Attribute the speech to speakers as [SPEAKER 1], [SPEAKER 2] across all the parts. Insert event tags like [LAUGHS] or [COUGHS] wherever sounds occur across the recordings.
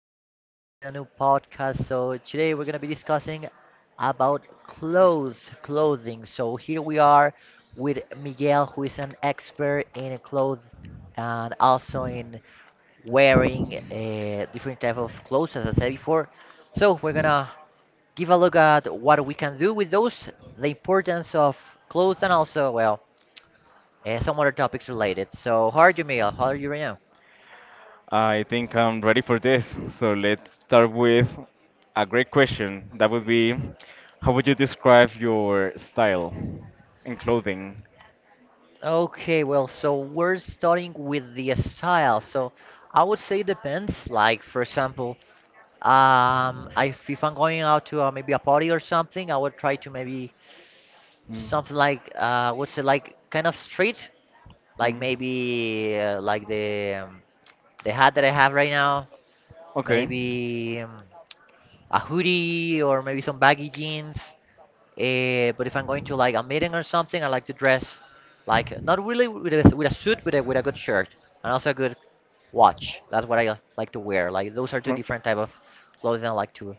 [SPEAKER 1] for being here in a new podcast. So today we're gonna be discussing about clothes, clothing. So here we are with Miguel, who is an expert in clothes and also in wearing a different type of clothes, as I said before. So we're gonna give a look at what we can do with those, the importance of clothes, and also well, some other topics related. So how are you, Miguel? How are you right now?
[SPEAKER 2] I think I'm ready for this. So let's start with a great question. That would be, how would you describe your style in clothing?
[SPEAKER 1] Okay, well, so we're starting with the style. So I would say it depends. Like for example, if I'm going out to maybe a party or something, I would try to maybe
[SPEAKER 2] Mm.
[SPEAKER 1] something like what's it like kind of street, like
[SPEAKER 2] Mm.
[SPEAKER 1] maybe like the hat that I have right now,
[SPEAKER 2] Okay.
[SPEAKER 1] maybe a hoodie or maybe some baggy jeans. Eh, but if I'm going to like a meeting or something, I like to dress like not really with with a suit, but with a good shirt and also a good watch. That's what I like to wear. Like those are two
[SPEAKER 2] No.
[SPEAKER 1] different type of clothing I like to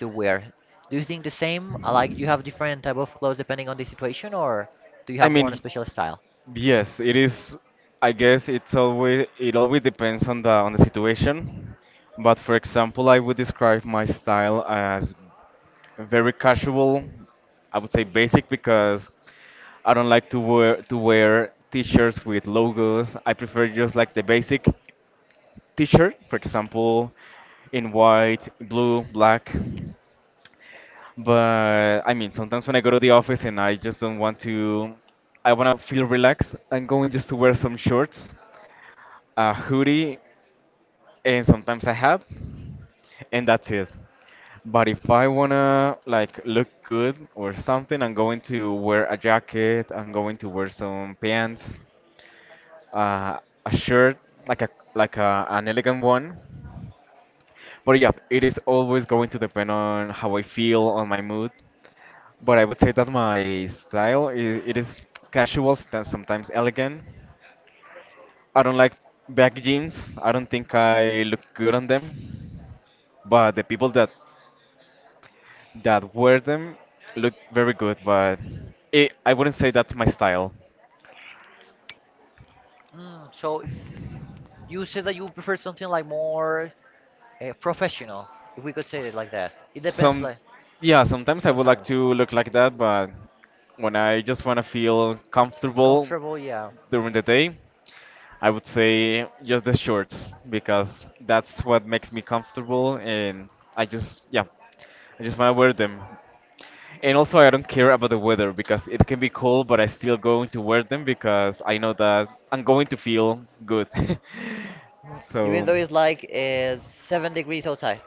[SPEAKER 1] to wear. Do you think the same? I like you have different type of clothes depending on the situation, or do you
[SPEAKER 2] I
[SPEAKER 1] have one
[SPEAKER 2] mean,
[SPEAKER 1] special style?
[SPEAKER 2] yes, it is. I guess it's always depends on the situation. But for example, I would describe my style as very casual. I would say basic because I don't like to wear t-shirts with logos. I prefer just like the basic t-shirt, for example, in white, blue, black. But I mean, sometimes when I go to the office and I just don't want to, I want to feel relaxed, I'm going just to wear some shorts, a hoodie, and sometimes a hat, and that's it. But if I wanna like look good or something, I'm going to wear a jacket, I'm going to wear some pants, uh, a shirt, like a like an elegant one. But yeah, it is always going to depend on how I feel, on my mood. But I would say that my style is casual, sometimes elegant. I don't like back jeans. I don't think I look good on them. But the people that wear them look very good. But I wouldn't say that's my style.
[SPEAKER 1] Mm, so you said that you prefer something like more professional, if we could say it like that. It depends,
[SPEAKER 2] Some,
[SPEAKER 1] like
[SPEAKER 2] yeah, sometimes I would like
[SPEAKER 1] sometimes
[SPEAKER 2] to look like that. But when I just want to feel comfortable
[SPEAKER 1] comfortable, yeah.
[SPEAKER 2] during the day, I would say just the shorts because that's what makes me comfortable and I just yeah, I just want to wear them. And also I don't care about the weather because it can be cold but I still going to wear them because I know that I'm going to feel good. [LAUGHS]
[SPEAKER 1] Mm, even
[SPEAKER 2] So
[SPEAKER 1] though it's like 7 degrees outside.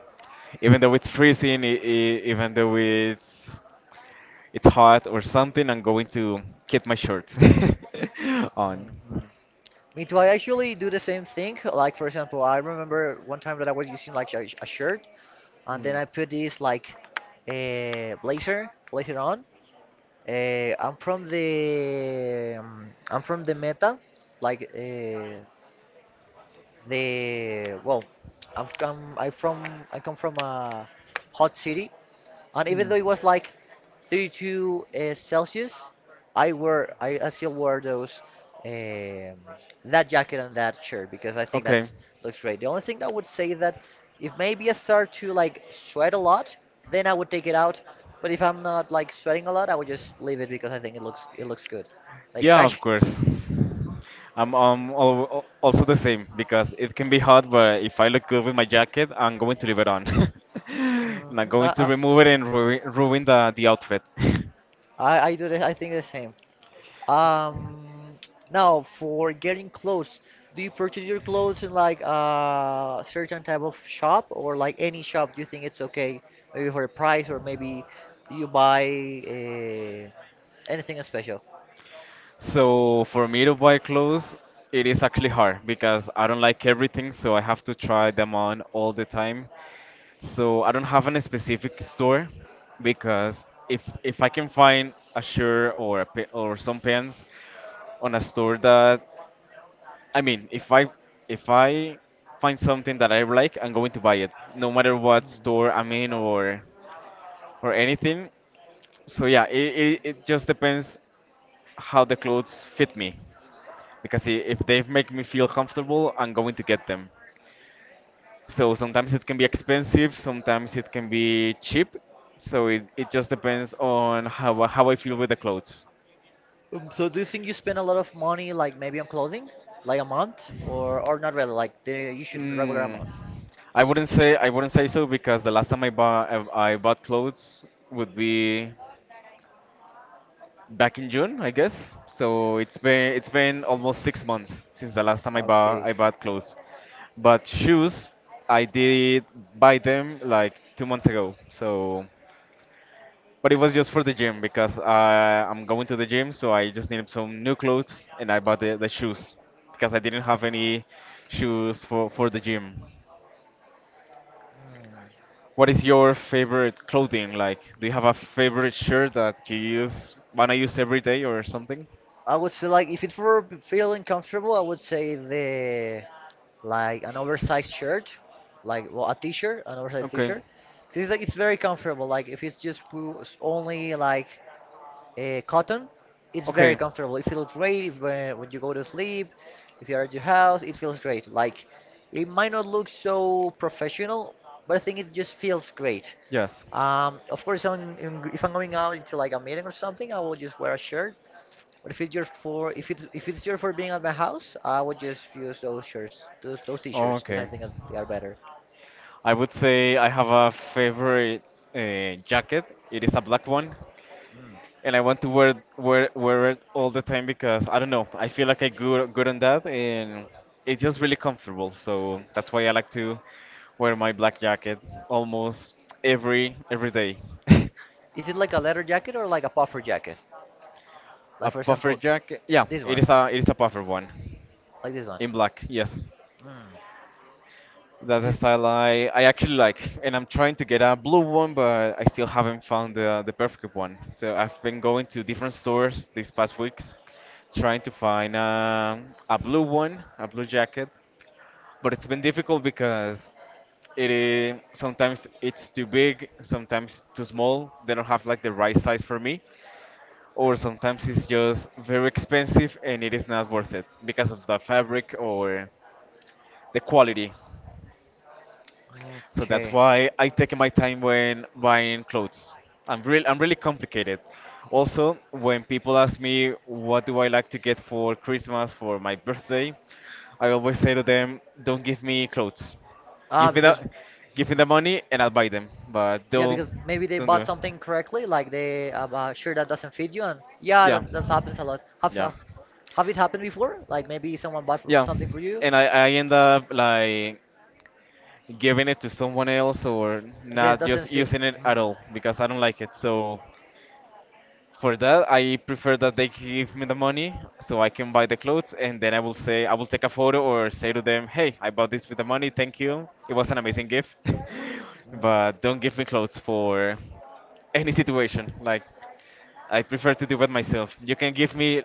[SPEAKER 2] even though it's freezing, even though it's hot or something, I'm going to keep my shorts [LAUGHS] on
[SPEAKER 1] Mhm. Me too. I actually do the same thing. Like for example, I remember one time that I was using like a shirt,
[SPEAKER 2] switch.
[SPEAKER 1] and then
[SPEAKER 2] Mm.
[SPEAKER 1] I put this like a blazer on. I'm from the Meta, like the well, I come from a hot city, and even
[SPEAKER 2] Mm.
[SPEAKER 1] though it was like 32 Celsius, I still wore those um, that jacket and that shirt because I think
[SPEAKER 2] Okay.
[SPEAKER 1] that's looks great. The only thing I would say is that if maybe I start to like sweat a lot, then I would take it out. But if I'm not like sweating a lot, I would just leave it because I think it looks good, like
[SPEAKER 2] Yeah, of
[SPEAKER 1] fashion.
[SPEAKER 2] course. I'm also the same because it can be hot, but if I look good with my jacket, I'm going to leave it on.
[SPEAKER 1] hmm
[SPEAKER 2] [LAUGHS] Not
[SPEAKER 1] I,
[SPEAKER 2] going to
[SPEAKER 1] I
[SPEAKER 2] remove it and ruin the outfit. [LAUGHS]
[SPEAKER 1] I do the, I think the same. Um, now for getting clothes, do you purchase your clothes in like a certain type of shop or like any shop? Do you think it's okay, maybe for a price or maybe do you buy uh, anything special?
[SPEAKER 2] So for me to buy clothes, it is actually hard because I don't like everything, so I have to try them on all the time. So I don't have a specific store because if I can find a shirt or a pa or some pants on a store that I mean, if I if I find something that I like, I'm going to buy it, no matter what store
[SPEAKER 1] Mm.
[SPEAKER 2] I'm in or anything. So yeah, it just depends how the clothes fit me because if they make me feel comfortable, I'm going to get them. So sometimes it can be expensive, sometimes it can be cheap. So it just depends on how I feel with the clothes.
[SPEAKER 1] So do you think you spend a lot of money like maybe on clothing, like a month or not really like the you should regular
[SPEAKER 2] Mm,
[SPEAKER 1] amount?
[SPEAKER 2] I wouldn't say so because the last time I bought clothes would be back in June, I guess. So it's been almost 6 months since the last time
[SPEAKER 1] Okay.
[SPEAKER 2] I bought clothes. But shoes, I did buy them like 2 months ago. So But it was just for the gym because I'm going to the gym, so I just needed some new clothes and I bought the shoes because I didn't have any shoes for the gym.
[SPEAKER 1] Mm.
[SPEAKER 2] What is your favorite clothing like? Do you have a favorite shirt that you wanna use every day or something?
[SPEAKER 1] I would say like if it's for feeling comfortable, I would say the like an oversized shirt, like well a t-shirt, an oversized
[SPEAKER 2] Okay.
[SPEAKER 1] t-shirt, because it's very comfortable. Like if it's just only like cotton, it's very
[SPEAKER 2] Okay.
[SPEAKER 1] comfortable. It feels great if, when you go to sleep, if you're at your house, it feels great. Like it might not look so professional, but I think it just feels great.
[SPEAKER 2] Yes.
[SPEAKER 1] Of course, if I'm going out into like a meeting or something, I will just wear a shirt but if it's just for if it's just for being at my house, I would just use those shirts, those t-shirts, because I
[SPEAKER 2] Okay.
[SPEAKER 1] think that they are better.
[SPEAKER 2] I would say I have a favorite jacket. It is a black one.
[SPEAKER 1] Mm.
[SPEAKER 2] And I want to wear it all the time because I don't know. I feel like I good on that, and it's just really comfortable. So that's why I like to wear my black jacket almost every day.
[SPEAKER 1] Is it like a leather jacket or like a puffer jacket?
[SPEAKER 2] [LAUGHS] A
[SPEAKER 1] Like for
[SPEAKER 2] puffer
[SPEAKER 1] example,
[SPEAKER 2] jacket? Yeah,
[SPEAKER 1] this one,
[SPEAKER 2] it is a puffer one
[SPEAKER 1] like this one.
[SPEAKER 2] in black. Yes.
[SPEAKER 1] Mm.
[SPEAKER 2] That's a
[SPEAKER 1] Thi-
[SPEAKER 2] style I actually like, and I'm trying to get a blue one, but I still haven't found the perfect one. So I've been going to different stores these past weeks, trying to find a blue one, a blue jacket, but it's been difficult because sometimes it's too big, sometimes too small. They don't have like the right size for me, or sometimes it's just very expensive and it is not worth it because of the fabric or the quality. So that's
[SPEAKER 1] Okay.
[SPEAKER 2] why I take my time when buying clothes. I'm really complicated. Also, when people ask me what do I like to get for Christmas for my birthday, I always say to them, don't give me clothes.
[SPEAKER 1] Ah,
[SPEAKER 2] Give me the
[SPEAKER 1] because,
[SPEAKER 2] Give me
[SPEAKER 1] hmm.
[SPEAKER 2] the money and I'll buy them. But
[SPEAKER 1] Yeah, because maybe they
[SPEAKER 2] don't do
[SPEAKER 1] bought
[SPEAKER 2] it.
[SPEAKER 1] something correctly, like they sure that doesn't fit you, and yeah,
[SPEAKER 2] Yeah.
[SPEAKER 1] that that happens a lot.
[SPEAKER 2] Yeah.
[SPEAKER 1] Have it happened before? Like maybe someone bought
[SPEAKER 2] Yeah.
[SPEAKER 1] something for you
[SPEAKER 2] And I end up like giving it to someone else or
[SPEAKER 1] because it
[SPEAKER 2] not
[SPEAKER 1] doesn't
[SPEAKER 2] just
[SPEAKER 1] fit.
[SPEAKER 2] using it at
[SPEAKER 1] Mm.
[SPEAKER 2] all because I don't like it. So for that, I prefer that they give me the money so I can buy the clothes and then I will take a photo or say to them, "Hey, I bought this with the money. Thank you. It was an amazing gift." [LAUGHS] But
[SPEAKER 1] Mm.
[SPEAKER 2] don't give me clothes for any situation. Like I prefer to do it myself. You can give me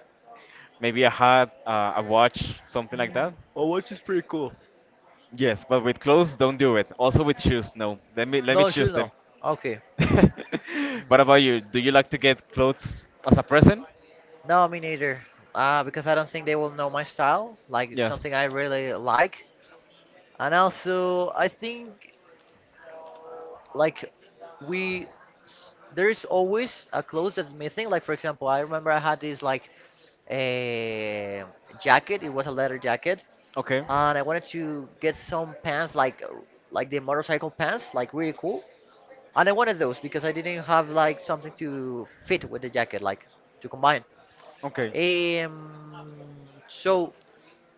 [SPEAKER 2] maybe a hat, a watch, something like that.
[SPEAKER 1] Well, watch is pretty cool.
[SPEAKER 2] Yes, but with clothes, don't do it. Also with shoes, no. Let me
[SPEAKER 1] No, should
[SPEAKER 2] choose them.
[SPEAKER 1] know. Okay.
[SPEAKER 2] [LAUGHS] What
[SPEAKER 1] Mm.
[SPEAKER 2] about you? Do you like to get clothes as a present?
[SPEAKER 1] No, me neither. Because I don't think they will know my style, like it's
[SPEAKER 2] Yes.
[SPEAKER 1] something I really like. And also, I think. Like we there's always a clothes that's missing like for example I remember I had this like a jacket it was a leather jacket
[SPEAKER 2] Okay.
[SPEAKER 1] and I wanted to get some pants like the motorcycle pants like really cool and I wanted those because I didn't have like something to fit with the jacket like to combine
[SPEAKER 2] Okay.
[SPEAKER 1] um so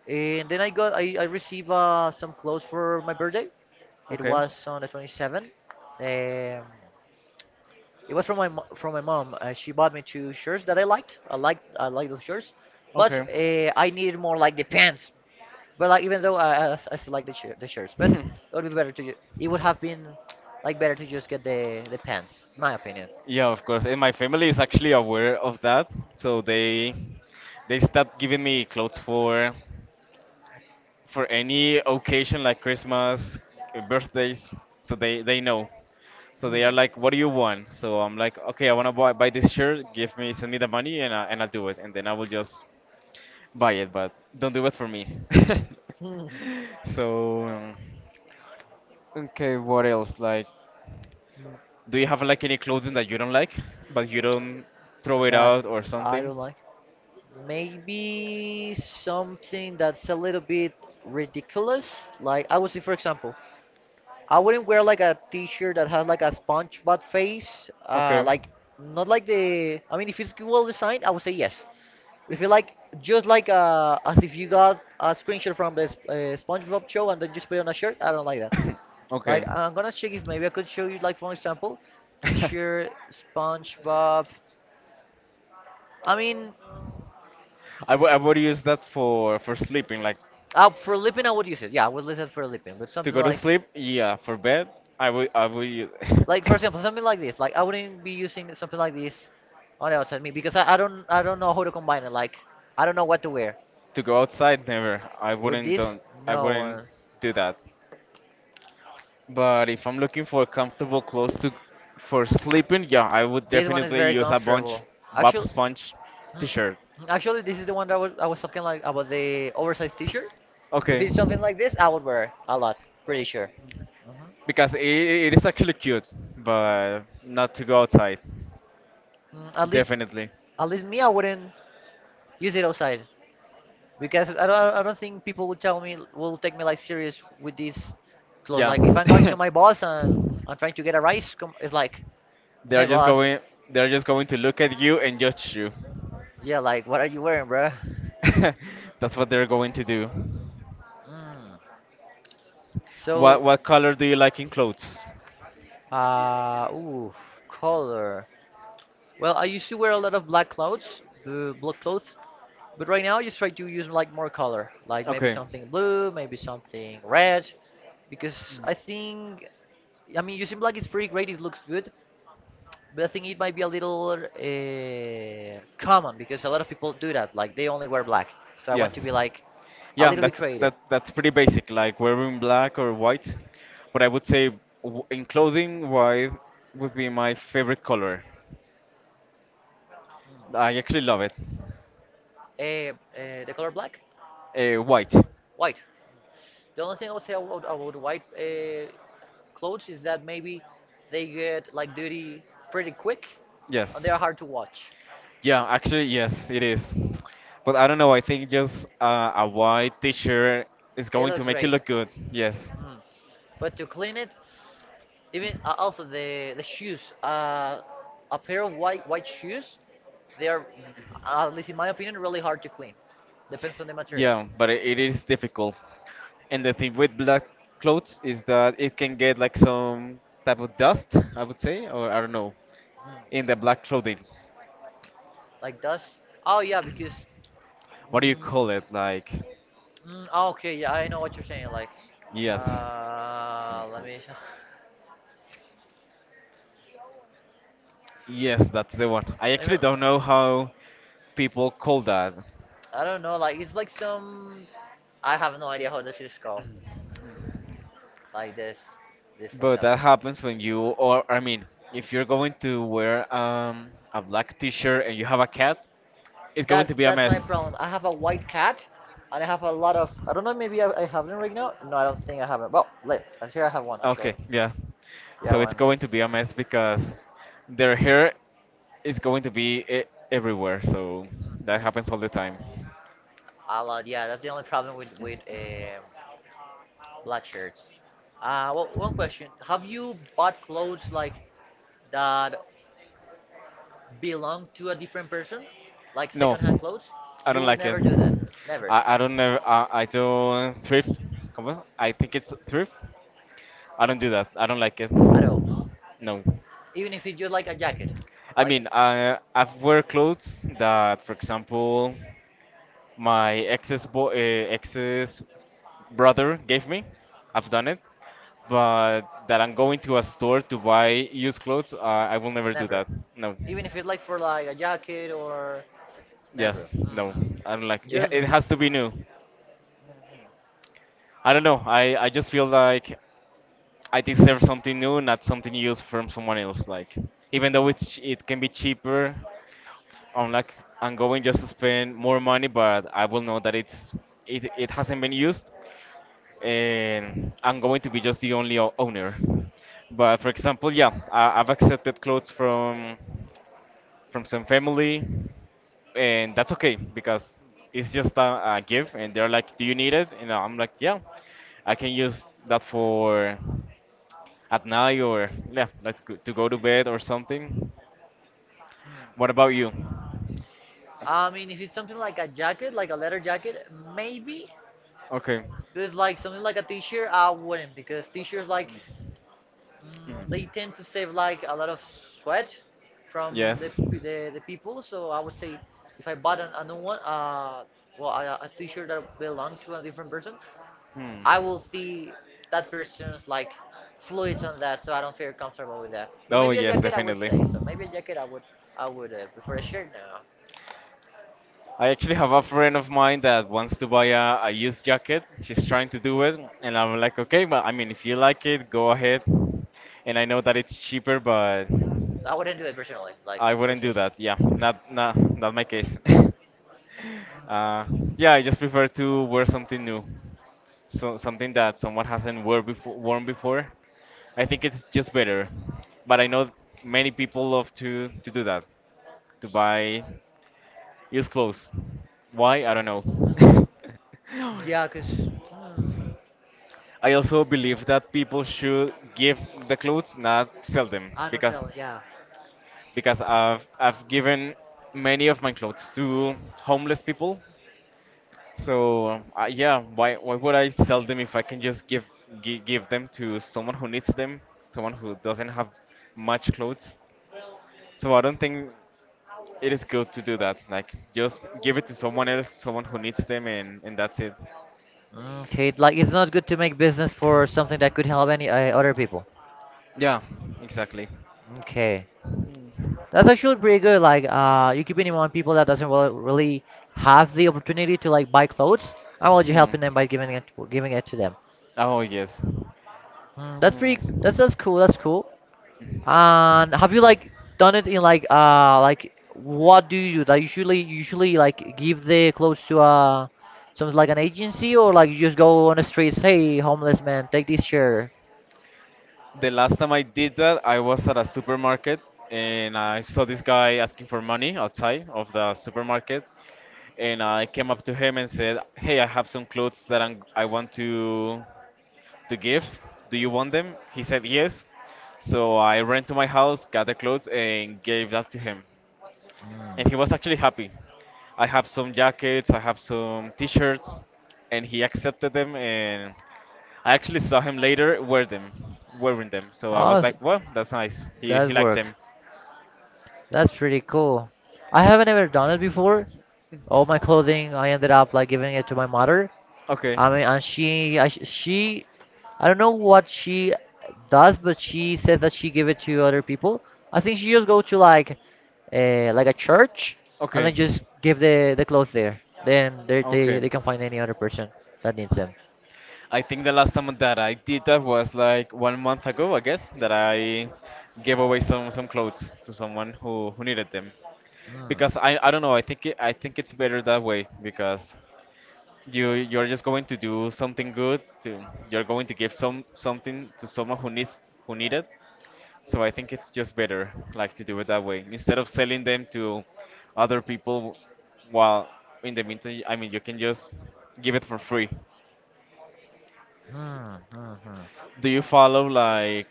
[SPEAKER 1] and then I received some clothes for my birthday it
[SPEAKER 2] Okay.
[SPEAKER 1] was on the 27th um it was from my from my mom. She bought me two shirts that I liked. I liked those shirts, but
[SPEAKER 2] Okay.
[SPEAKER 1] I needed more like the pants. But like even though I still like the shirts, but
[SPEAKER 2] [LAUGHS]
[SPEAKER 1] it
[SPEAKER 2] [LAUGHS]
[SPEAKER 1] would be better to it would have been like better to just get the pants, in my opinion.
[SPEAKER 2] Yeah, of course. And my family is actually aware of that, so they start giving me clothes for any occasion like Christmas, birthdays. So they know. So
[SPEAKER 1] Mm.
[SPEAKER 2] they are like, "What do you want?" So I'm like, "Okay, I want to buy this shirt. Give me send me the money and and I'll do it." And then I will just buy it, but don't do it for me. [LAUGHS]
[SPEAKER 1] Hmm.
[SPEAKER 2] So, okay, what else? Like,
[SPEAKER 1] Mm.
[SPEAKER 2] do you have like any clothing that you don't like, but you don't throw it
[SPEAKER 1] That
[SPEAKER 2] out or
[SPEAKER 1] I
[SPEAKER 2] something?
[SPEAKER 1] don't like. Maybe something that's a little bit ridiculous. Like I would say, for example, I wouldn't wear like a t-shirt that has like a SpongeBob face. Like not like the. I mean, if it's well designed, I would say yes. But if you like, just like as if you got a screenshot from the SpongeBob show and then just put it on a shirt, I don't like that.
[SPEAKER 2] That. [COUGHS]
[SPEAKER 1] Like
[SPEAKER 2] Okay.
[SPEAKER 1] I'm gonna check if maybe I could show you like for example, t-shirt
[SPEAKER 2] [LAUGHS]
[SPEAKER 1] SpongeBob. I mean,
[SPEAKER 2] I would use that for sleeping, like
[SPEAKER 1] for lipping I would use it. Yeah, I would use it for lipping, but
[SPEAKER 2] to
[SPEAKER 1] something
[SPEAKER 2] go to
[SPEAKER 1] like.
[SPEAKER 2] sleep. Yeah, for bed, I would use. [LAUGHS] [LAUGHS]
[SPEAKER 1] Like for example, something like this. Like I wouldn't be using something like this on the outside me because I don't know how to combine it. Like I don't know what to wear.
[SPEAKER 2] To go outside, never.
[SPEAKER 1] With this,
[SPEAKER 2] I
[SPEAKER 1] no.
[SPEAKER 2] wouldn't do that. But if I'm looking for comfortable clothes to for sleeping, yeah, I would
[SPEAKER 1] This one is
[SPEAKER 2] definitely
[SPEAKER 1] very
[SPEAKER 2] use a bunch
[SPEAKER 1] comfortable.
[SPEAKER 2] Bob
[SPEAKER 1] Actually,
[SPEAKER 2] Sponge
[SPEAKER 1] mm,
[SPEAKER 2] t-shirt.
[SPEAKER 1] mm, actually, this is the one that I was talking like about the oversized T-shirt. If
[SPEAKER 2] Okay.
[SPEAKER 1] it's something like this, I would wear it a lot. Pretty sure. hmm
[SPEAKER 2] Because it is actually cute, but not to go outside.
[SPEAKER 1] Mm,
[SPEAKER 2] Definitely.
[SPEAKER 1] at least me, I wouldn't use it outside. Because I don't think people will tell me will take me like serious with these clothes.
[SPEAKER 2] Yeah.
[SPEAKER 1] Like if I'm going to my boss
[SPEAKER 2] [LAUGHS]
[SPEAKER 1] and I'm trying to get a rise, it's like, hey
[SPEAKER 2] they're just
[SPEAKER 1] boss,
[SPEAKER 2] going they're just going to look at you and judge you.
[SPEAKER 1] yeah, like what are you wearing, bruh?
[SPEAKER 2] [LAUGHS] That's what they're going to do.
[SPEAKER 1] Mm. So,
[SPEAKER 2] What color do you like in clothes?
[SPEAKER 1] ooh, color. Well, I used to wear a lot of black clothes, but right now, I just try to use like more color, like maybe
[SPEAKER 2] Okay.
[SPEAKER 1] something blue, maybe something red, because I think, I mean, using black is pretty great. It looks good, but I think it might be a little common because a lot of people do that. Like they only wear black. So I want to be
[SPEAKER 2] Yes.
[SPEAKER 1] like a
[SPEAKER 2] Yeah,
[SPEAKER 1] little bit creative.
[SPEAKER 2] that's pretty basic, like wearing black or white. But I would say in clothing, white would be my favorite color. I actually love it.
[SPEAKER 1] Uh, the color black,
[SPEAKER 2] White.
[SPEAKER 1] white. The only thing I would say about white clothes is that maybe they get like dirty pretty quick and
[SPEAKER 2] Yes.
[SPEAKER 1] they are hard to watch.
[SPEAKER 2] Yeah, actually, yes, it is. But I don't know, I think just a white t-shirt is
[SPEAKER 1] It
[SPEAKER 2] going
[SPEAKER 1] looks
[SPEAKER 2] to make you
[SPEAKER 1] great.
[SPEAKER 2] look good. Yes.
[SPEAKER 1] Mm. But to clean it, even also the shoes, a pair of white shoes, they are, at least in my opinion, really hard to clean. Depends on the material,
[SPEAKER 2] Yeah, but it is difficult. And the thing with black clothes is that it can get like some type of dust, I would say, or I don't know, in the
[SPEAKER 1] Mm.
[SPEAKER 2] black clothing.
[SPEAKER 1] Like dust. Oh yeah, because.
[SPEAKER 2] What do you
[SPEAKER 1] Mm,
[SPEAKER 2] call it? Like
[SPEAKER 1] mm, oh, okay, yeah, I know what you're saying. Like,
[SPEAKER 2] Yes. When it
[SPEAKER 1] let
[SPEAKER 2] comes to-
[SPEAKER 1] me.
[SPEAKER 2] Yes, that's the one. I
[SPEAKER 1] [LAUGHS] Let me.
[SPEAKER 2] actually don't know how people call that,
[SPEAKER 1] I don't know, like it's like some I have no idea how this is called. Like this for
[SPEAKER 2] but that
[SPEAKER 1] example.
[SPEAKER 2] happens when you, or I mean, if you're going to wear a black T-shirt and you have a cat, it's going to be a
[SPEAKER 1] That's my
[SPEAKER 2] mess.
[SPEAKER 1] problem. I have a white cat, and I have a lot of. I don't know. Maybe I have them right now. No, I don't think I have not Well, let here I have one actually.
[SPEAKER 2] Okay, yeah.
[SPEAKER 1] Yeah,
[SPEAKER 2] So it's
[SPEAKER 1] one. Mhm.
[SPEAKER 2] going to be a mess because their hair is going to be e everywhere. So that happens all the time.
[SPEAKER 1] A lot. Yeah, that's the only problem with black shirts. Well, one question: Have you bought clothes like that belong to a different person, like
[SPEAKER 2] No,
[SPEAKER 1] secondhand clothes,
[SPEAKER 2] I
[SPEAKER 1] you
[SPEAKER 2] don't
[SPEAKER 1] will
[SPEAKER 2] like it.
[SPEAKER 1] never do that. Never.
[SPEAKER 2] I don't know. I do thrift. Come on. I think it's thrift. I don't do that. I don't like it.
[SPEAKER 1] At all.
[SPEAKER 2] No.
[SPEAKER 1] Even if it's just like a jacket.
[SPEAKER 2] I
[SPEAKER 1] Like,
[SPEAKER 2] mean, I I've wear clothes that, for example, my ex's brother gave me. I've done it, but that I'm going to a store to buy used clothes, I will never do
[SPEAKER 1] never.
[SPEAKER 2] that. No.
[SPEAKER 1] Even if it's like for like a jacket or. Never.
[SPEAKER 2] Yes, no, I don't like
[SPEAKER 1] Mm-mm.
[SPEAKER 2] it.
[SPEAKER 1] Just
[SPEAKER 2] It
[SPEAKER 1] no.
[SPEAKER 2] has to be new. I don't know. I just feel like I deserve something new, not something used from someone else. Like even though it can be cheaper, I'm like I'm going just to spend more money, but I will know that it it hasn't been used, and I'm going to be just the only owner. But for example, yeah, I've accepted clothes from some family, and that's okay because it's just a gift, and they're like, "Do you need it?" And I'm like, "Yeah, I can use that for at night or yeah, like to go to bed or something."
[SPEAKER 1] Mm.
[SPEAKER 2] What about you?
[SPEAKER 1] I mean, if it's something like a jacket, like a leather jacket, maybe.
[SPEAKER 2] Okay.
[SPEAKER 1] But it's like something like a t-shirt, I wouldn't because t-shirts like Mm, they
[SPEAKER 2] Mhm.
[SPEAKER 1] tend to save like a lot of sweat from
[SPEAKER 2] Yes.
[SPEAKER 1] the people. So I would say if I bought a new one, well, a T-shirt that belonged to a different person,
[SPEAKER 2] Hmm.
[SPEAKER 1] I will see that person's like fluids on that, so I don't feel comfortable with that. But
[SPEAKER 2] Oh
[SPEAKER 1] maybe a
[SPEAKER 2] yes,
[SPEAKER 1] jacket, I would
[SPEAKER 2] definitely.
[SPEAKER 1] say so. Maybe a jacket, I would prefer a shirt now.
[SPEAKER 2] I actually have a friend of mine that wants to buy a used jacket. She's trying to do it, and I'm like, okay, but I mean, if you like it, go ahead. And I know that it's cheaper, but
[SPEAKER 1] I wouldn't do it personally, like
[SPEAKER 2] I
[SPEAKER 1] you
[SPEAKER 2] wouldn't do
[SPEAKER 1] said.
[SPEAKER 2] that. Yeah, not my case. [LAUGHS]
[SPEAKER 1] Mm.
[SPEAKER 2] uh, yeah, I just prefer to wear something new, so something that someone hasn't worn before. I think it's just better. But I know many people love to do that, to buy it was close. Why? I don't know.
[SPEAKER 1] Yeah, cause
[SPEAKER 2] [LAUGHS]
[SPEAKER 1] mm,
[SPEAKER 2] I also believe that people should give the clothes, not sell them,
[SPEAKER 1] I'm not
[SPEAKER 2] because
[SPEAKER 1] telling. Yeah,
[SPEAKER 2] I've given many of my clothes to homeless people. So yeah, why would I sell them if I can just give give them to someone who needs them, someone who doesn't have much clothes? So I don't think it is good to do that. Like just give it to someone else, someone who needs them, and that's it.
[SPEAKER 1] Okay, like it's not good to make business for something that could help any other people.
[SPEAKER 2] Yeah, exactly.
[SPEAKER 1] Okay, that's actually pretty good. Like, you keeping in mind people that doesn't really have the opportunity to like buy clothes. How about you
[SPEAKER 2] Hmm.
[SPEAKER 1] helping them by giving it to them?
[SPEAKER 2] Oh yes.
[SPEAKER 1] That's pretty. That's
[SPEAKER 2] Mm.
[SPEAKER 1] that's cool. That's cool. And have you like done it in like what do you do? That usually like give the clothes to something like an agency, or like you just go on the streets. Hey, homeless man, take this shirt.
[SPEAKER 2] The last time I did that, I was at a supermarket and I saw this guy asking for money outside of the supermarket, and I came up to him and said, "Hey, I have some clothes that I want to give. Do you want them?" He said yes. So I ran to my house, got the clothes, and gave that to him. And he was actually happy. I have some jackets, I have some t shirts, and he accepted them. And I actually saw him later wearing them. So I was
[SPEAKER 1] Oh,
[SPEAKER 2] like, well, that's nice. He
[SPEAKER 1] that
[SPEAKER 2] liked
[SPEAKER 1] work.
[SPEAKER 2] them.
[SPEAKER 1] That's pretty cool. I haven't ever done it before. All my clothing, I ended up like giving it to my mother.
[SPEAKER 2] Okay,
[SPEAKER 1] I mean, and she, I don't know what she does, but she says that she give it to other people. I think she just go to like a church, and
[SPEAKER 2] okay,
[SPEAKER 1] then just give the clothes there. Then they they
[SPEAKER 2] okay.
[SPEAKER 1] they can find any other person that needs them.
[SPEAKER 2] I think the last time that I did that was like 1 month ago, I guess, that I gave away some clothes to someone who needed them.
[SPEAKER 1] Hmm.
[SPEAKER 2] Because I don't know, I think it's better that way, because you're just going to do something good to, you're going to give something to someone who needs, who need it. So I think it's just better, like, to do it that way instead of selling them to other people. While in the meantime, I mean, you can just give it for free.
[SPEAKER 1] Hmm. Hmm. Hmm.
[SPEAKER 2] Do you follow, like,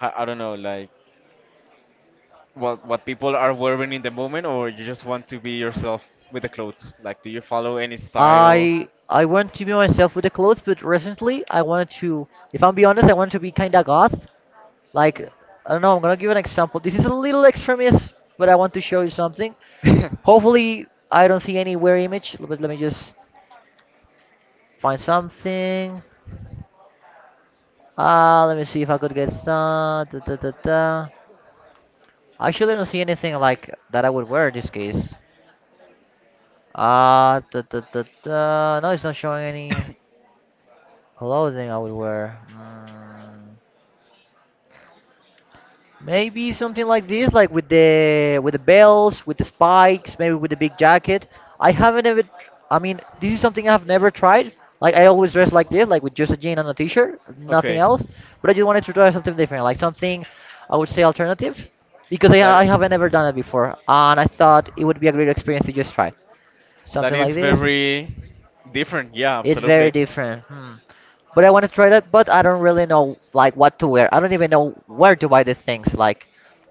[SPEAKER 2] I don't know, like, what people are wearing in the moment, or you just want to be yourself with the clothes? Like, do you follow any style?
[SPEAKER 1] I want to be myself with the clothes, but recently I wanted to, if I'm being honest, I wanted to be kinda goth. Like, I don't know, I'm gonna give an example. This is a little extremist, but I want to show you something.
[SPEAKER 2] [LAUGHS]
[SPEAKER 1] Hopefully I don't see any weird image, but let me just find something. Ah, let me see if I could get some. Da, da, da, da. I actually don't see anything like that I would wear in this case. Ah, da, da, da, da. No, it's not showing any clothing I would wear. Mm. Maybe something like this, like with the bells, with the spikes, maybe with the big jacket. I haven't ever. Tr- I mean, this is something I've never tried. Like I always dress like this, like with just a jean and a t-shirt, nothing
[SPEAKER 2] Okay.
[SPEAKER 1] else. But I just wanted to try something different, like something I would say alternative, because I
[SPEAKER 2] That
[SPEAKER 1] haven't ever done it before, and I thought it would be a great experience to just try
[SPEAKER 2] that
[SPEAKER 1] something
[SPEAKER 2] is
[SPEAKER 1] like this.
[SPEAKER 2] very different. Yeah,
[SPEAKER 1] It's very
[SPEAKER 2] absolutely.
[SPEAKER 1] different. Hmm. But I want to try that, but I don't really know like what to wear. I don't even know where to buy the things. Like,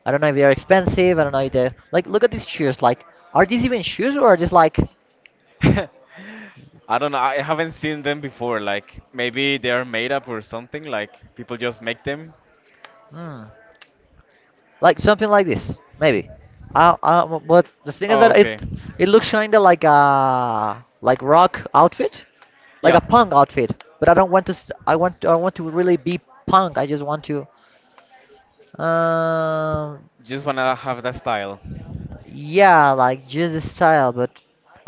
[SPEAKER 1] I don't know if they're expensive. I don't know if they're like. Look at these shoes. Like, are these even shoes or are just like,
[SPEAKER 2] [LAUGHS] I don't know. I haven't seen them before. Like, maybe they are made up or something. Like, people just make them.
[SPEAKER 1] hmm, like something like this maybe? But the thing is
[SPEAKER 2] Oh,
[SPEAKER 1] that
[SPEAKER 2] okay.
[SPEAKER 1] it looks kinda like a like rock outfit, like
[SPEAKER 2] Yeah.
[SPEAKER 1] a punk outfit. But I don't want to. S- I want to really be punk. I just want to. Um,
[SPEAKER 2] Just wanna have that style.
[SPEAKER 1] Yeah, like just the style, but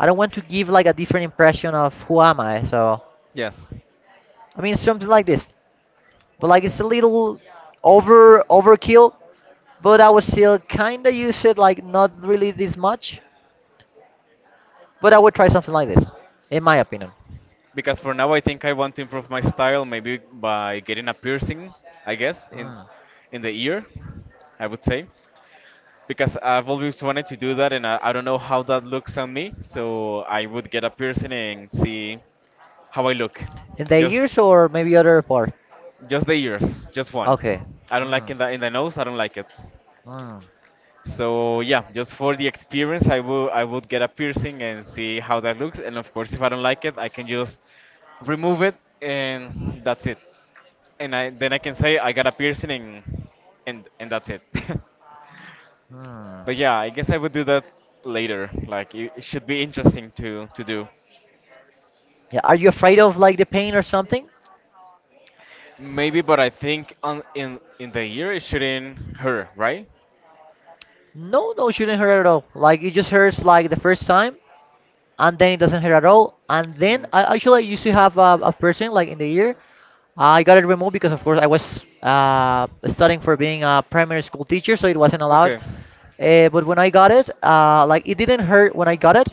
[SPEAKER 1] I don't want to give like a different impression of who am I. So
[SPEAKER 2] Yes.
[SPEAKER 1] I mean something like this, but like it's a little overkill. But I would still kinda use it like not really this much. But I would try something like this, in my opinion.
[SPEAKER 2] Because for now, I think I want to improve my style. Maybe by getting a piercing. I guess in
[SPEAKER 1] Mm.
[SPEAKER 2] in the ear, I would say. Because I've always wanted to do that, and I don't know how that looks on me. So I would get a piercing and see how I look.
[SPEAKER 1] In the
[SPEAKER 2] Just,
[SPEAKER 1] years or maybe other part.
[SPEAKER 2] just the ears, just one.
[SPEAKER 1] Okay.
[SPEAKER 2] I don't like
[SPEAKER 1] Mm.
[SPEAKER 2] in the nose. I don't like it.
[SPEAKER 1] Mm.
[SPEAKER 2] So yeah, just for the experience, I would get a piercing and see how that looks. And of course, if I don't like it, I can just remove it, and that's it. And I then I can say I got a piercing, and and that's it. [LAUGHS]
[SPEAKER 1] Mm.
[SPEAKER 2] But yeah, I guess I would do that later. Like, it should be interesting to do.
[SPEAKER 1] Yeah. Are you afraid of like the pain or something?
[SPEAKER 2] Maybe, but I think on in the year it shouldn't hurt, right?
[SPEAKER 1] No, no, it shouldn't hurt at all. Like it just hurts like the first time, and then it doesn't hurt at all. And then
[SPEAKER 2] Mm.
[SPEAKER 1] I actually I used to have a piercing like in the ear. I got it removed because of course I was studying for being a primary school teacher, so it wasn't allowed.
[SPEAKER 2] Okay.
[SPEAKER 1] But when I got it, like it didn't hurt when I got it,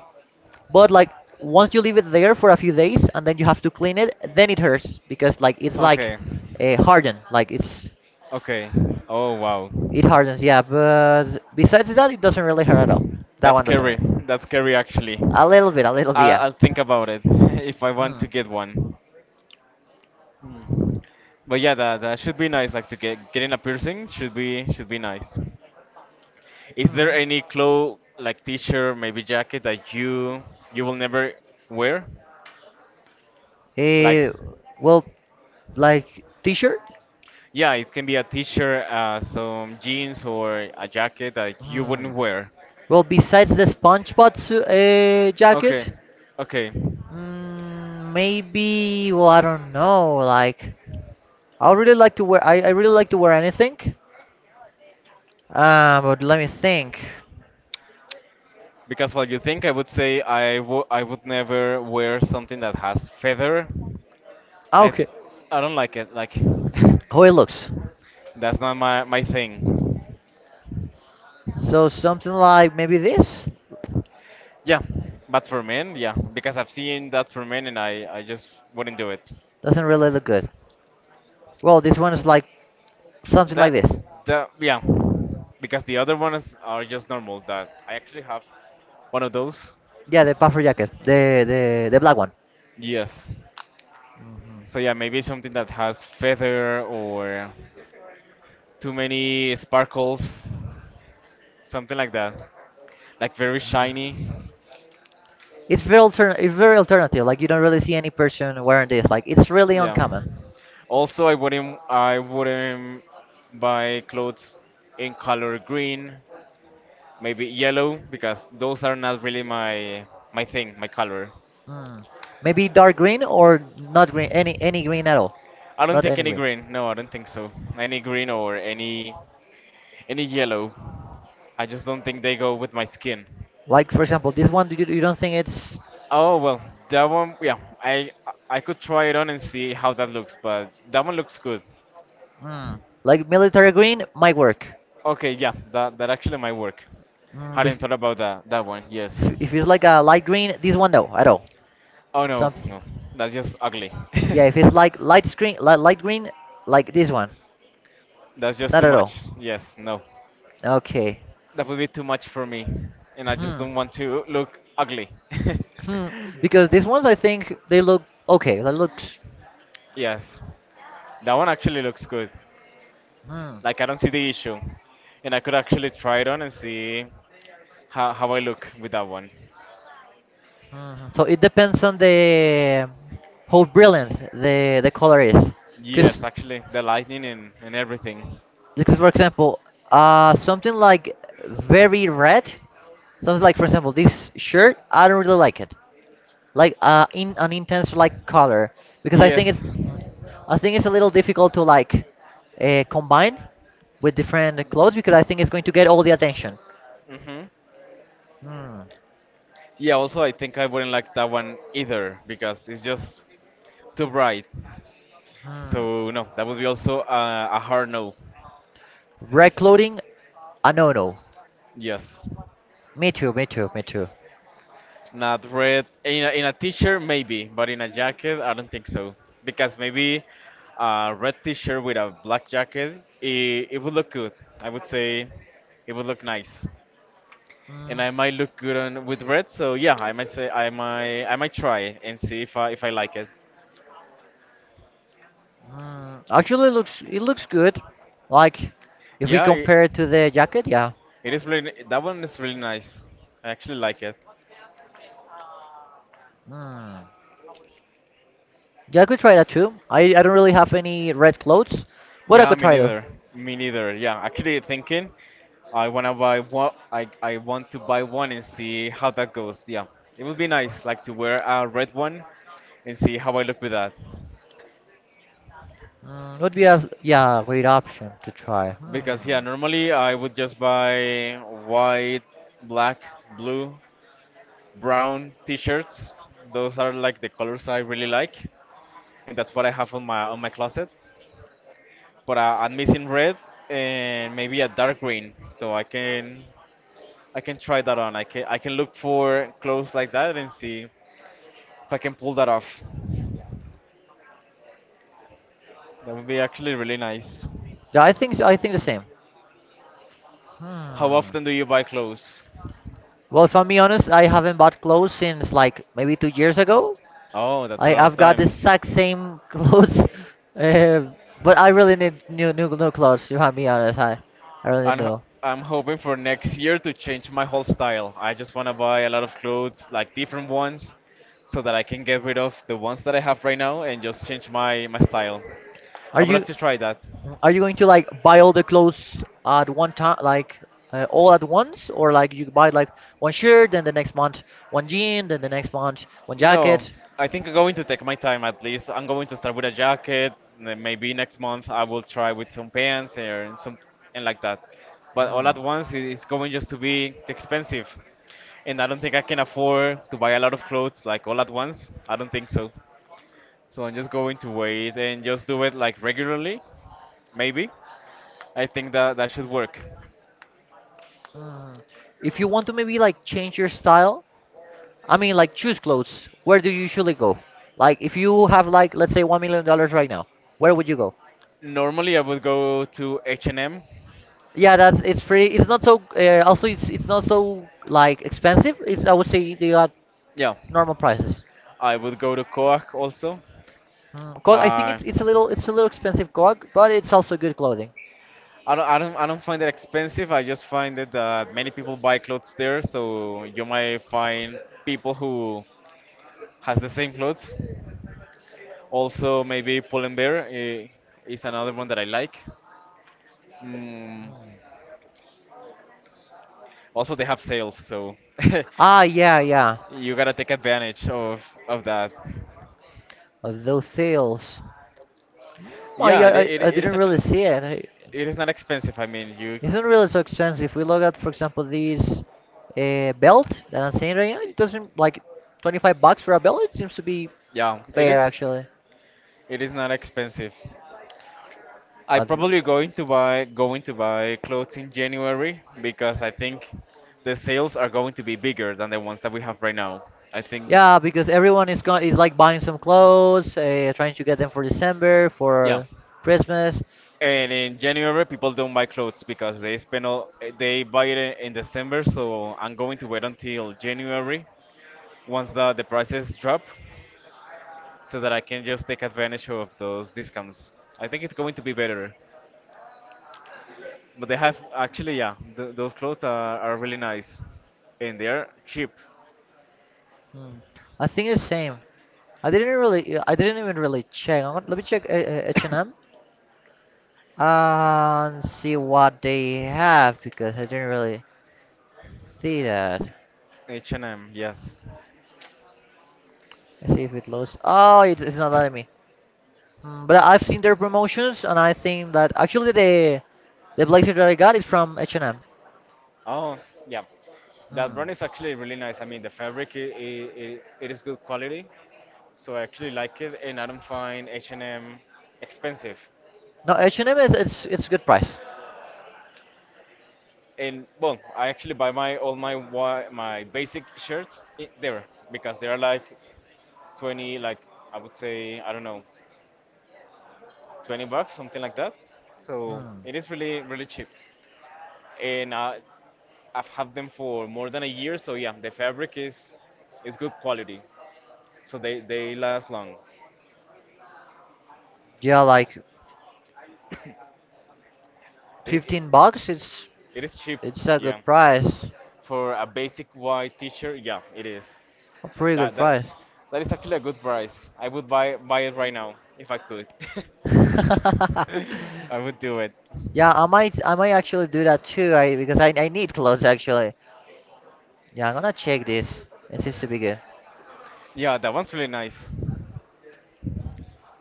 [SPEAKER 1] but like once you leave it there for a few days and then you have to clean it, then it hurts because like it's like
[SPEAKER 2] Okay.
[SPEAKER 1] hardened, like it's
[SPEAKER 2] Okay. Oh wow.
[SPEAKER 1] it hardens. Yeah, but besides that, it doesn't really hurt at all. That
[SPEAKER 2] That's
[SPEAKER 1] one doesn't
[SPEAKER 2] scary.
[SPEAKER 1] hurt.
[SPEAKER 2] That's scary, actually.
[SPEAKER 1] A little bit,
[SPEAKER 2] I'll,
[SPEAKER 1] yeah.
[SPEAKER 2] I'll think about it [LAUGHS] if I want to
[SPEAKER 1] Mm.
[SPEAKER 2] get one. Hmm. But yeah, that should be nice. Like, to get getting a piercing should be nice. Is there
[SPEAKER 1] Mm.
[SPEAKER 2] any clothes like t-shirt, maybe jacket that you will never wear? Like,
[SPEAKER 1] Eh, well, like t-shirt?
[SPEAKER 2] yeah, it can be a t-shirt, some jeans, or a jacket that you
[SPEAKER 1] Mm.
[SPEAKER 2] wouldn't wear.
[SPEAKER 1] Well, besides the SpongeBob
[SPEAKER 2] Okay,
[SPEAKER 1] jacket,
[SPEAKER 2] okay.
[SPEAKER 1] mm, maybe well, I don't know. Like, I really like to wear anything. But let me think.
[SPEAKER 2] Because while you think, I would say I would never wear something that has feather.
[SPEAKER 1] Ah,
[SPEAKER 2] I
[SPEAKER 1] okay,
[SPEAKER 2] th- I don't like it. Like, [LAUGHS]
[SPEAKER 1] how it looks.
[SPEAKER 2] that's not my thing.
[SPEAKER 1] So something like maybe this
[SPEAKER 2] Yeah, but for men, yeah, because I've seen that for men, and I just wouldn't do it.
[SPEAKER 1] doesn't really look good. Well, this one is like something like
[SPEAKER 2] That
[SPEAKER 1] this.
[SPEAKER 2] that, yeah, because the other ones are just normal. That I actually have one of those.
[SPEAKER 1] Yeah, the puffer jacket, the black one.
[SPEAKER 2] Yes. So yeah, maybe something that has feather, or too many sparkles, something like that, like very shiny.
[SPEAKER 1] It's very altern it's very alternative. Like you don't really see any person wearing this. Like it's really
[SPEAKER 2] Yeah.
[SPEAKER 1] uncommon.
[SPEAKER 2] Also, I wouldn't buy clothes in color green, maybe yellow, because those are not really my thing, my color.
[SPEAKER 1] Mm. Maybe dark green or not green, any green at all,
[SPEAKER 2] I don't
[SPEAKER 1] not
[SPEAKER 2] think
[SPEAKER 1] any
[SPEAKER 2] any
[SPEAKER 1] green.
[SPEAKER 2] green. No, I don't think so. Any green or any yellow. I just don't think they go with my skin.
[SPEAKER 1] Like for example, this one you, you don't think it's
[SPEAKER 2] Oh well, that one, yeah, I I could try it on and see how that looks, but that one looks good.
[SPEAKER 1] mm, like military green might work.
[SPEAKER 2] Okay, yeah, that actually might work.
[SPEAKER 1] Mm,
[SPEAKER 2] Hadn't thought about that one. Yes.
[SPEAKER 1] if it's like a light green, this one no at all.
[SPEAKER 2] Oh no,
[SPEAKER 1] Some,
[SPEAKER 2] no, that's just ugly.
[SPEAKER 1] yeah, if
[SPEAKER 2] [LAUGHS]
[SPEAKER 1] it's like light screen, light green, like this one,
[SPEAKER 2] That's just
[SPEAKER 1] not
[SPEAKER 2] too
[SPEAKER 1] at all.
[SPEAKER 2] much. Yes, no,
[SPEAKER 1] Okay.
[SPEAKER 2] that would be too much for me, and I just
[SPEAKER 1] Hmm.
[SPEAKER 2] don't want to look ugly.
[SPEAKER 1] Hmm, because these ones I think they look okay. That looks.
[SPEAKER 2] [LAUGHS] Yes, that one actually looks good.
[SPEAKER 1] Hmm.
[SPEAKER 2] Like, I don't see the issue, and I could actually try it on and see how I look with that one.
[SPEAKER 1] Hmm. Hmm. So it depends on the how brilliant the color is. Because
[SPEAKER 2] Yes, actually, the lighting and everything.
[SPEAKER 1] because for example, something like very red, something like for example this shirt, I don't really like it. Like in an intense like color because
[SPEAKER 2] Yes.
[SPEAKER 1] I think it's a little difficult to like combine with different clothes because I think it's going to get all the attention.
[SPEAKER 2] Mm-hmm.
[SPEAKER 1] Hmm.
[SPEAKER 2] Yeah, also I think I wouldn't like that one either because it's just too bright.
[SPEAKER 1] Hmm.
[SPEAKER 2] So no, that would be also a hard no.
[SPEAKER 1] Reclothing? Ah, no, no.
[SPEAKER 2] Yes.
[SPEAKER 1] Me too, me too, me too.
[SPEAKER 2] Not red. In a t-shirt maybe, but in a jacket I don't think so, because maybe a red t-shirt with a black jacket, it would look good. I would say it would look nice.
[SPEAKER 1] Mm,
[SPEAKER 2] And I might look good on with red. So yeah, I might say I might try it and see if I like it.
[SPEAKER 1] mm, actually, looks it looks good. Like, if we
[SPEAKER 2] Yeah, it,
[SPEAKER 1] compare it to the jacket, yeah.
[SPEAKER 2] it is really that one is really nice. I actually like it.
[SPEAKER 1] Mm. Yeah, I could try that too. I don't really have any red clothes, but I
[SPEAKER 2] Yeah,
[SPEAKER 1] could
[SPEAKER 2] me
[SPEAKER 1] try though.
[SPEAKER 2] neither. Me neither. Yeah, actually thinking, I wanna buy one. I want to buy one and see how that goes. Yeah, it would be nice, like, to wear a red one and see how I look with that.
[SPEAKER 1] Mm, would be a yeah great option to try.
[SPEAKER 2] Because yeah,
[SPEAKER 1] Hmm.
[SPEAKER 2] normally I would just buy white, black, blue, brown t-shirts. Those are like the colors I really like, and that's what I have on my closet. But I'm missing red and maybe a dark green, so I can try that on. I can look for clothes like that and see if I can pull that off. That would be actually really nice.
[SPEAKER 1] Yeah, I think the same.
[SPEAKER 2] How
[SPEAKER 1] Hmm.
[SPEAKER 2] often do you buy clothes?
[SPEAKER 1] Well, if I'm being honest, I haven't bought clothes since like maybe 2 years ago.
[SPEAKER 2] Oh, that's a
[SPEAKER 1] I
[SPEAKER 2] lot of
[SPEAKER 1] I've got the
[SPEAKER 2] time.
[SPEAKER 1] exact same [LAUGHS] clothes, uh, but I really need new clothes. If I'm being honest, I really
[SPEAKER 2] I'm,
[SPEAKER 1] need
[SPEAKER 2] ho-
[SPEAKER 1] new.
[SPEAKER 2] I'm hoping for next year to change my whole style. I just want to buy a lot of clothes, like different ones, so that I can get rid of the ones that I have right now and just change my style.
[SPEAKER 1] Are
[SPEAKER 2] I would like
[SPEAKER 1] you
[SPEAKER 2] to try that.
[SPEAKER 1] are you going to like buy all the clothes at one time, like all at once, or like you buy like one shirt, then the next month one jean, then the next month one
[SPEAKER 2] No,
[SPEAKER 1] jacket?
[SPEAKER 2] I think I'm going to take my time at least. I'm going to start with a jacket, and then maybe next month I will try with some pants and like that. But all
[SPEAKER 1] Hmm.
[SPEAKER 2] at once it's going just to be expensive, and I don't think I can afford to buy a lot of clothes like all at once. I don't think so. So I'm just going to wait and just do it like regularly, maybe. I think that that should work.
[SPEAKER 1] Hmm. If you want to maybe like change your style, I mean, like choose clothes. Where do you usually go? Like, if you have like, let's say, $1,000,000 right now, where would you go?
[SPEAKER 2] Normally I would go to H&M.
[SPEAKER 1] Yeah, that's it's free. It's not so. Also, it's not so like expensive. It's I would say they are
[SPEAKER 2] Yeah,
[SPEAKER 1] normal prices.
[SPEAKER 2] I would go to Coag also.
[SPEAKER 1] Mm, cause I think
[SPEAKER 2] Uh,
[SPEAKER 1] it's a little expensive cog, but it's also good clothing.
[SPEAKER 2] I don't find it expensive. I just find it that many people buy clothes there, so you might find people who has the same clothes. Also, maybe Pull&Bear, is another one that I like. Mm, also, they have sales, so
[SPEAKER 1] Ah,
[SPEAKER 2] [LAUGHS]
[SPEAKER 1] yeah, yeah.
[SPEAKER 2] you gotta take advantage of that.
[SPEAKER 1] Of those sales, mm,
[SPEAKER 2] Yeah, it, it,
[SPEAKER 1] I
[SPEAKER 2] it is
[SPEAKER 1] didn't really
[SPEAKER 2] actually
[SPEAKER 1] see it. I-
[SPEAKER 2] it is not expensive. I mean, you
[SPEAKER 1] it's not really so expensive. We look at, for example, this belt that I'm saying right now. It doesn't like 25 bucks for a belt. It seems to be
[SPEAKER 2] yeah, it
[SPEAKER 1] fair
[SPEAKER 2] is
[SPEAKER 1] actually.
[SPEAKER 2] it is not expensive. I
[SPEAKER 1] But
[SPEAKER 2] probably going to buy clothes in January, because I think the sales are going to be bigger than the ones that we have right now. I think.
[SPEAKER 1] yeah, because everyone is going is like buying some clothes, trying to get them for December,
[SPEAKER 2] Yeah.
[SPEAKER 1] for Christmas.
[SPEAKER 2] And in January, people don't buy clothes because they spend all they buy it in December. So I'm going to wait until January, once the prices drop, so that I can just take advantage of those discounts. I think it's going to be better. But they have actually, yeah, those clothes are really nice, and they're cheap.
[SPEAKER 1] Hmm. I think it's same. I didn't even really check. I'm gonna, let me check H&M and M and see what they have because I didn't really see that.
[SPEAKER 2] H&M, yes.
[SPEAKER 1] Let's see if it loads. Oh, it's not letting me. Hmm, but I've seen their promotions and I think that actually the blazer that I got is from H&M.
[SPEAKER 2] Oh, yeah, that
[SPEAKER 1] Hmm.
[SPEAKER 2] brand is actually really nice. I mean, the fabric, I it it is good quality, so I actually like it, and I don't find H&M expensive.
[SPEAKER 1] No, H&M is it's good price.
[SPEAKER 2] And well, I actually buy my all my wa- my basic shirts there, because they are like 20, like I would say, I don't know, 20 bucks, something like that. So
[SPEAKER 1] Hmm.
[SPEAKER 2] it is really, really cheap. And I've had them for more than a year. So yeah, the fabric is good quality. So they last long.
[SPEAKER 1] Yeah, like
[SPEAKER 2] It, it,
[SPEAKER 1] 15 bucks
[SPEAKER 2] it is cheap.
[SPEAKER 1] it's a
[SPEAKER 2] Yeah.
[SPEAKER 1] good price,
[SPEAKER 2] For a basic white t-shirt, yeah, it is.
[SPEAKER 1] a pretty good
[SPEAKER 2] That that
[SPEAKER 1] price.
[SPEAKER 2] that is actually a good price. I would buy it right now if I could.
[SPEAKER 1] [LAUGHS]
[SPEAKER 2] [LAUGHS] I would do it.
[SPEAKER 1] Yeah, I might actually do that too. I need clothes actually. Yeah, I'm gonna check this, it seems to be good.
[SPEAKER 2] Yeah, that one's really nice.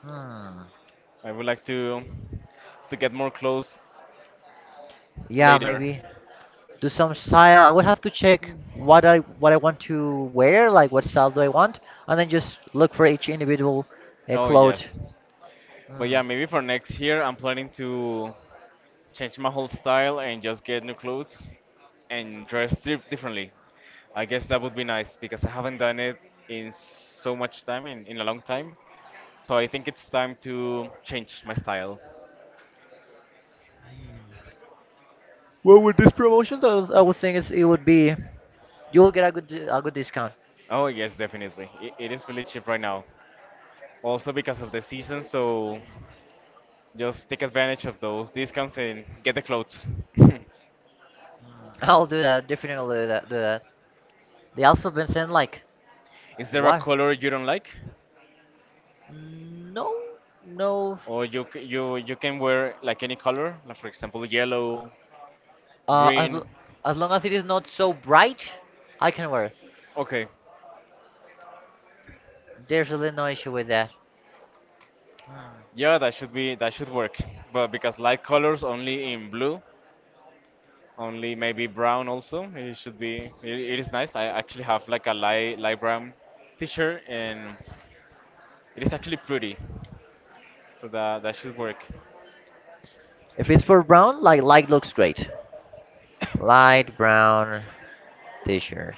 [SPEAKER 1] Hmm.
[SPEAKER 2] I would like to get more clothes
[SPEAKER 1] Yeah,
[SPEAKER 2] later.
[SPEAKER 1] maybe do some style. I would have to check what I want to wear, like what style do I want, and then just look for each individual
[SPEAKER 2] Oh
[SPEAKER 1] clothes.
[SPEAKER 2] yes. But
[SPEAKER 1] Hmm.
[SPEAKER 2] yeah, maybe for next year, I'm planning to change my whole style and just get new clothes and dress differently. I guess that would be nice because I haven't done it in so much time, in a long time. So I think it's time to change my style.
[SPEAKER 1] Well, with these promotions, I would think it's, it would be you'll get a a good discount.
[SPEAKER 2] Oh, yes, definitely. It is really cheap right now. Also because of the season, so just take advantage of those discounts and get the clothes. [LAUGHS]
[SPEAKER 1] [LAUGHS] I'll do that. Definitely I'll do that. Do that. They also been saying like,
[SPEAKER 2] Is there a
[SPEAKER 1] why?
[SPEAKER 2] color you don't like?
[SPEAKER 1] No, no.
[SPEAKER 2] Or you c- you can wear like any color, like for example yellow,
[SPEAKER 1] Uh, as
[SPEAKER 2] green.
[SPEAKER 1] l- as long as it is not so bright, I can wear it.
[SPEAKER 2] Okay,
[SPEAKER 1] There's really no issue with that. Hmm.
[SPEAKER 2] yeah, that should work. But because light colors only in blue, only maybe brown also. It should be it, it is nice. I actually have like a light brown t-shirt, and it is actually pretty. So that should work.
[SPEAKER 1] If it's for brown, like light looks great. Light brown t-shirt.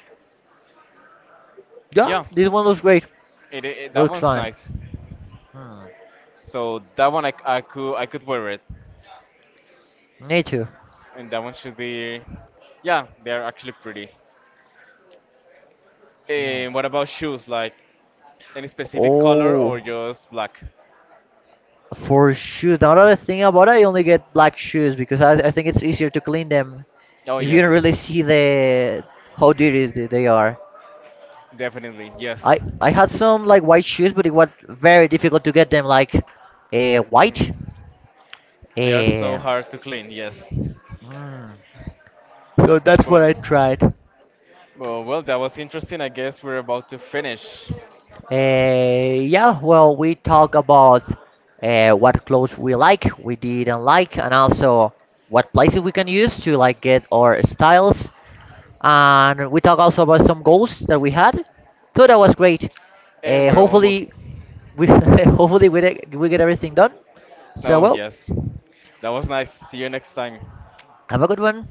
[SPEAKER 1] Yeah,
[SPEAKER 2] Yeah,
[SPEAKER 1] this one looks great.
[SPEAKER 2] it that
[SPEAKER 1] Looks
[SPEAKER 2] one's
[SPEAKER 1] fine.
[SPEAKER 2] nice.
[SPEAKER 1] Hmm.
[SPEAKER 2] So that one I could wear it,
[SPEAKER 1] Me too.
[SPEAKER 2] and that one should be, yeah, they're actually pretty. And what about shoes? Like, any specific color,
[SPEAKER 1] Oh.
[SPEAKER 2] or just black?
[SPEAKER 1] For shoes, now another thing about it, I only get black shoes because I think it's easier to clean them
[SPEAKER 2] Oh,
[SPEAKER 1] if you don't
[SPEAKER 2] yes.
[SPEAKER 1] really see the how dirty they are.
[SPEAKER 2] Definitely, yes.
[SPEAKER 1] I had some like white shoes, but it was very difficult to get them like white.
[SPEAKER 2] Mm. They are so
[SPEAKER 1] Uh,
[SPEAKER 2] hard to clean, yes.
[SPEAKER 1] mm. So that's what
[SPEAKER 2] But,
[SPEAKER 1] I tried.
[SPEAKER 2] well, well, that was interesting. I guess we're about to finish.
[SPEAKER 1] Yeah, well, we talk about what clothes we like, we didn't like, and also what places we can use to like get our styles, and we talk also about some goals that we had. So that was great.
[SPEAKER 2] And we're almost.
[SPEAKER 1] Hopefully, we [LAUGHS] hopefully we get everything done. So
[SPEAKER 2] Oh,
[SPEAKER 1] well,
[SPEAKER 2] yes. That was nice. See you next time.
[SPEAKER 1] have a good one.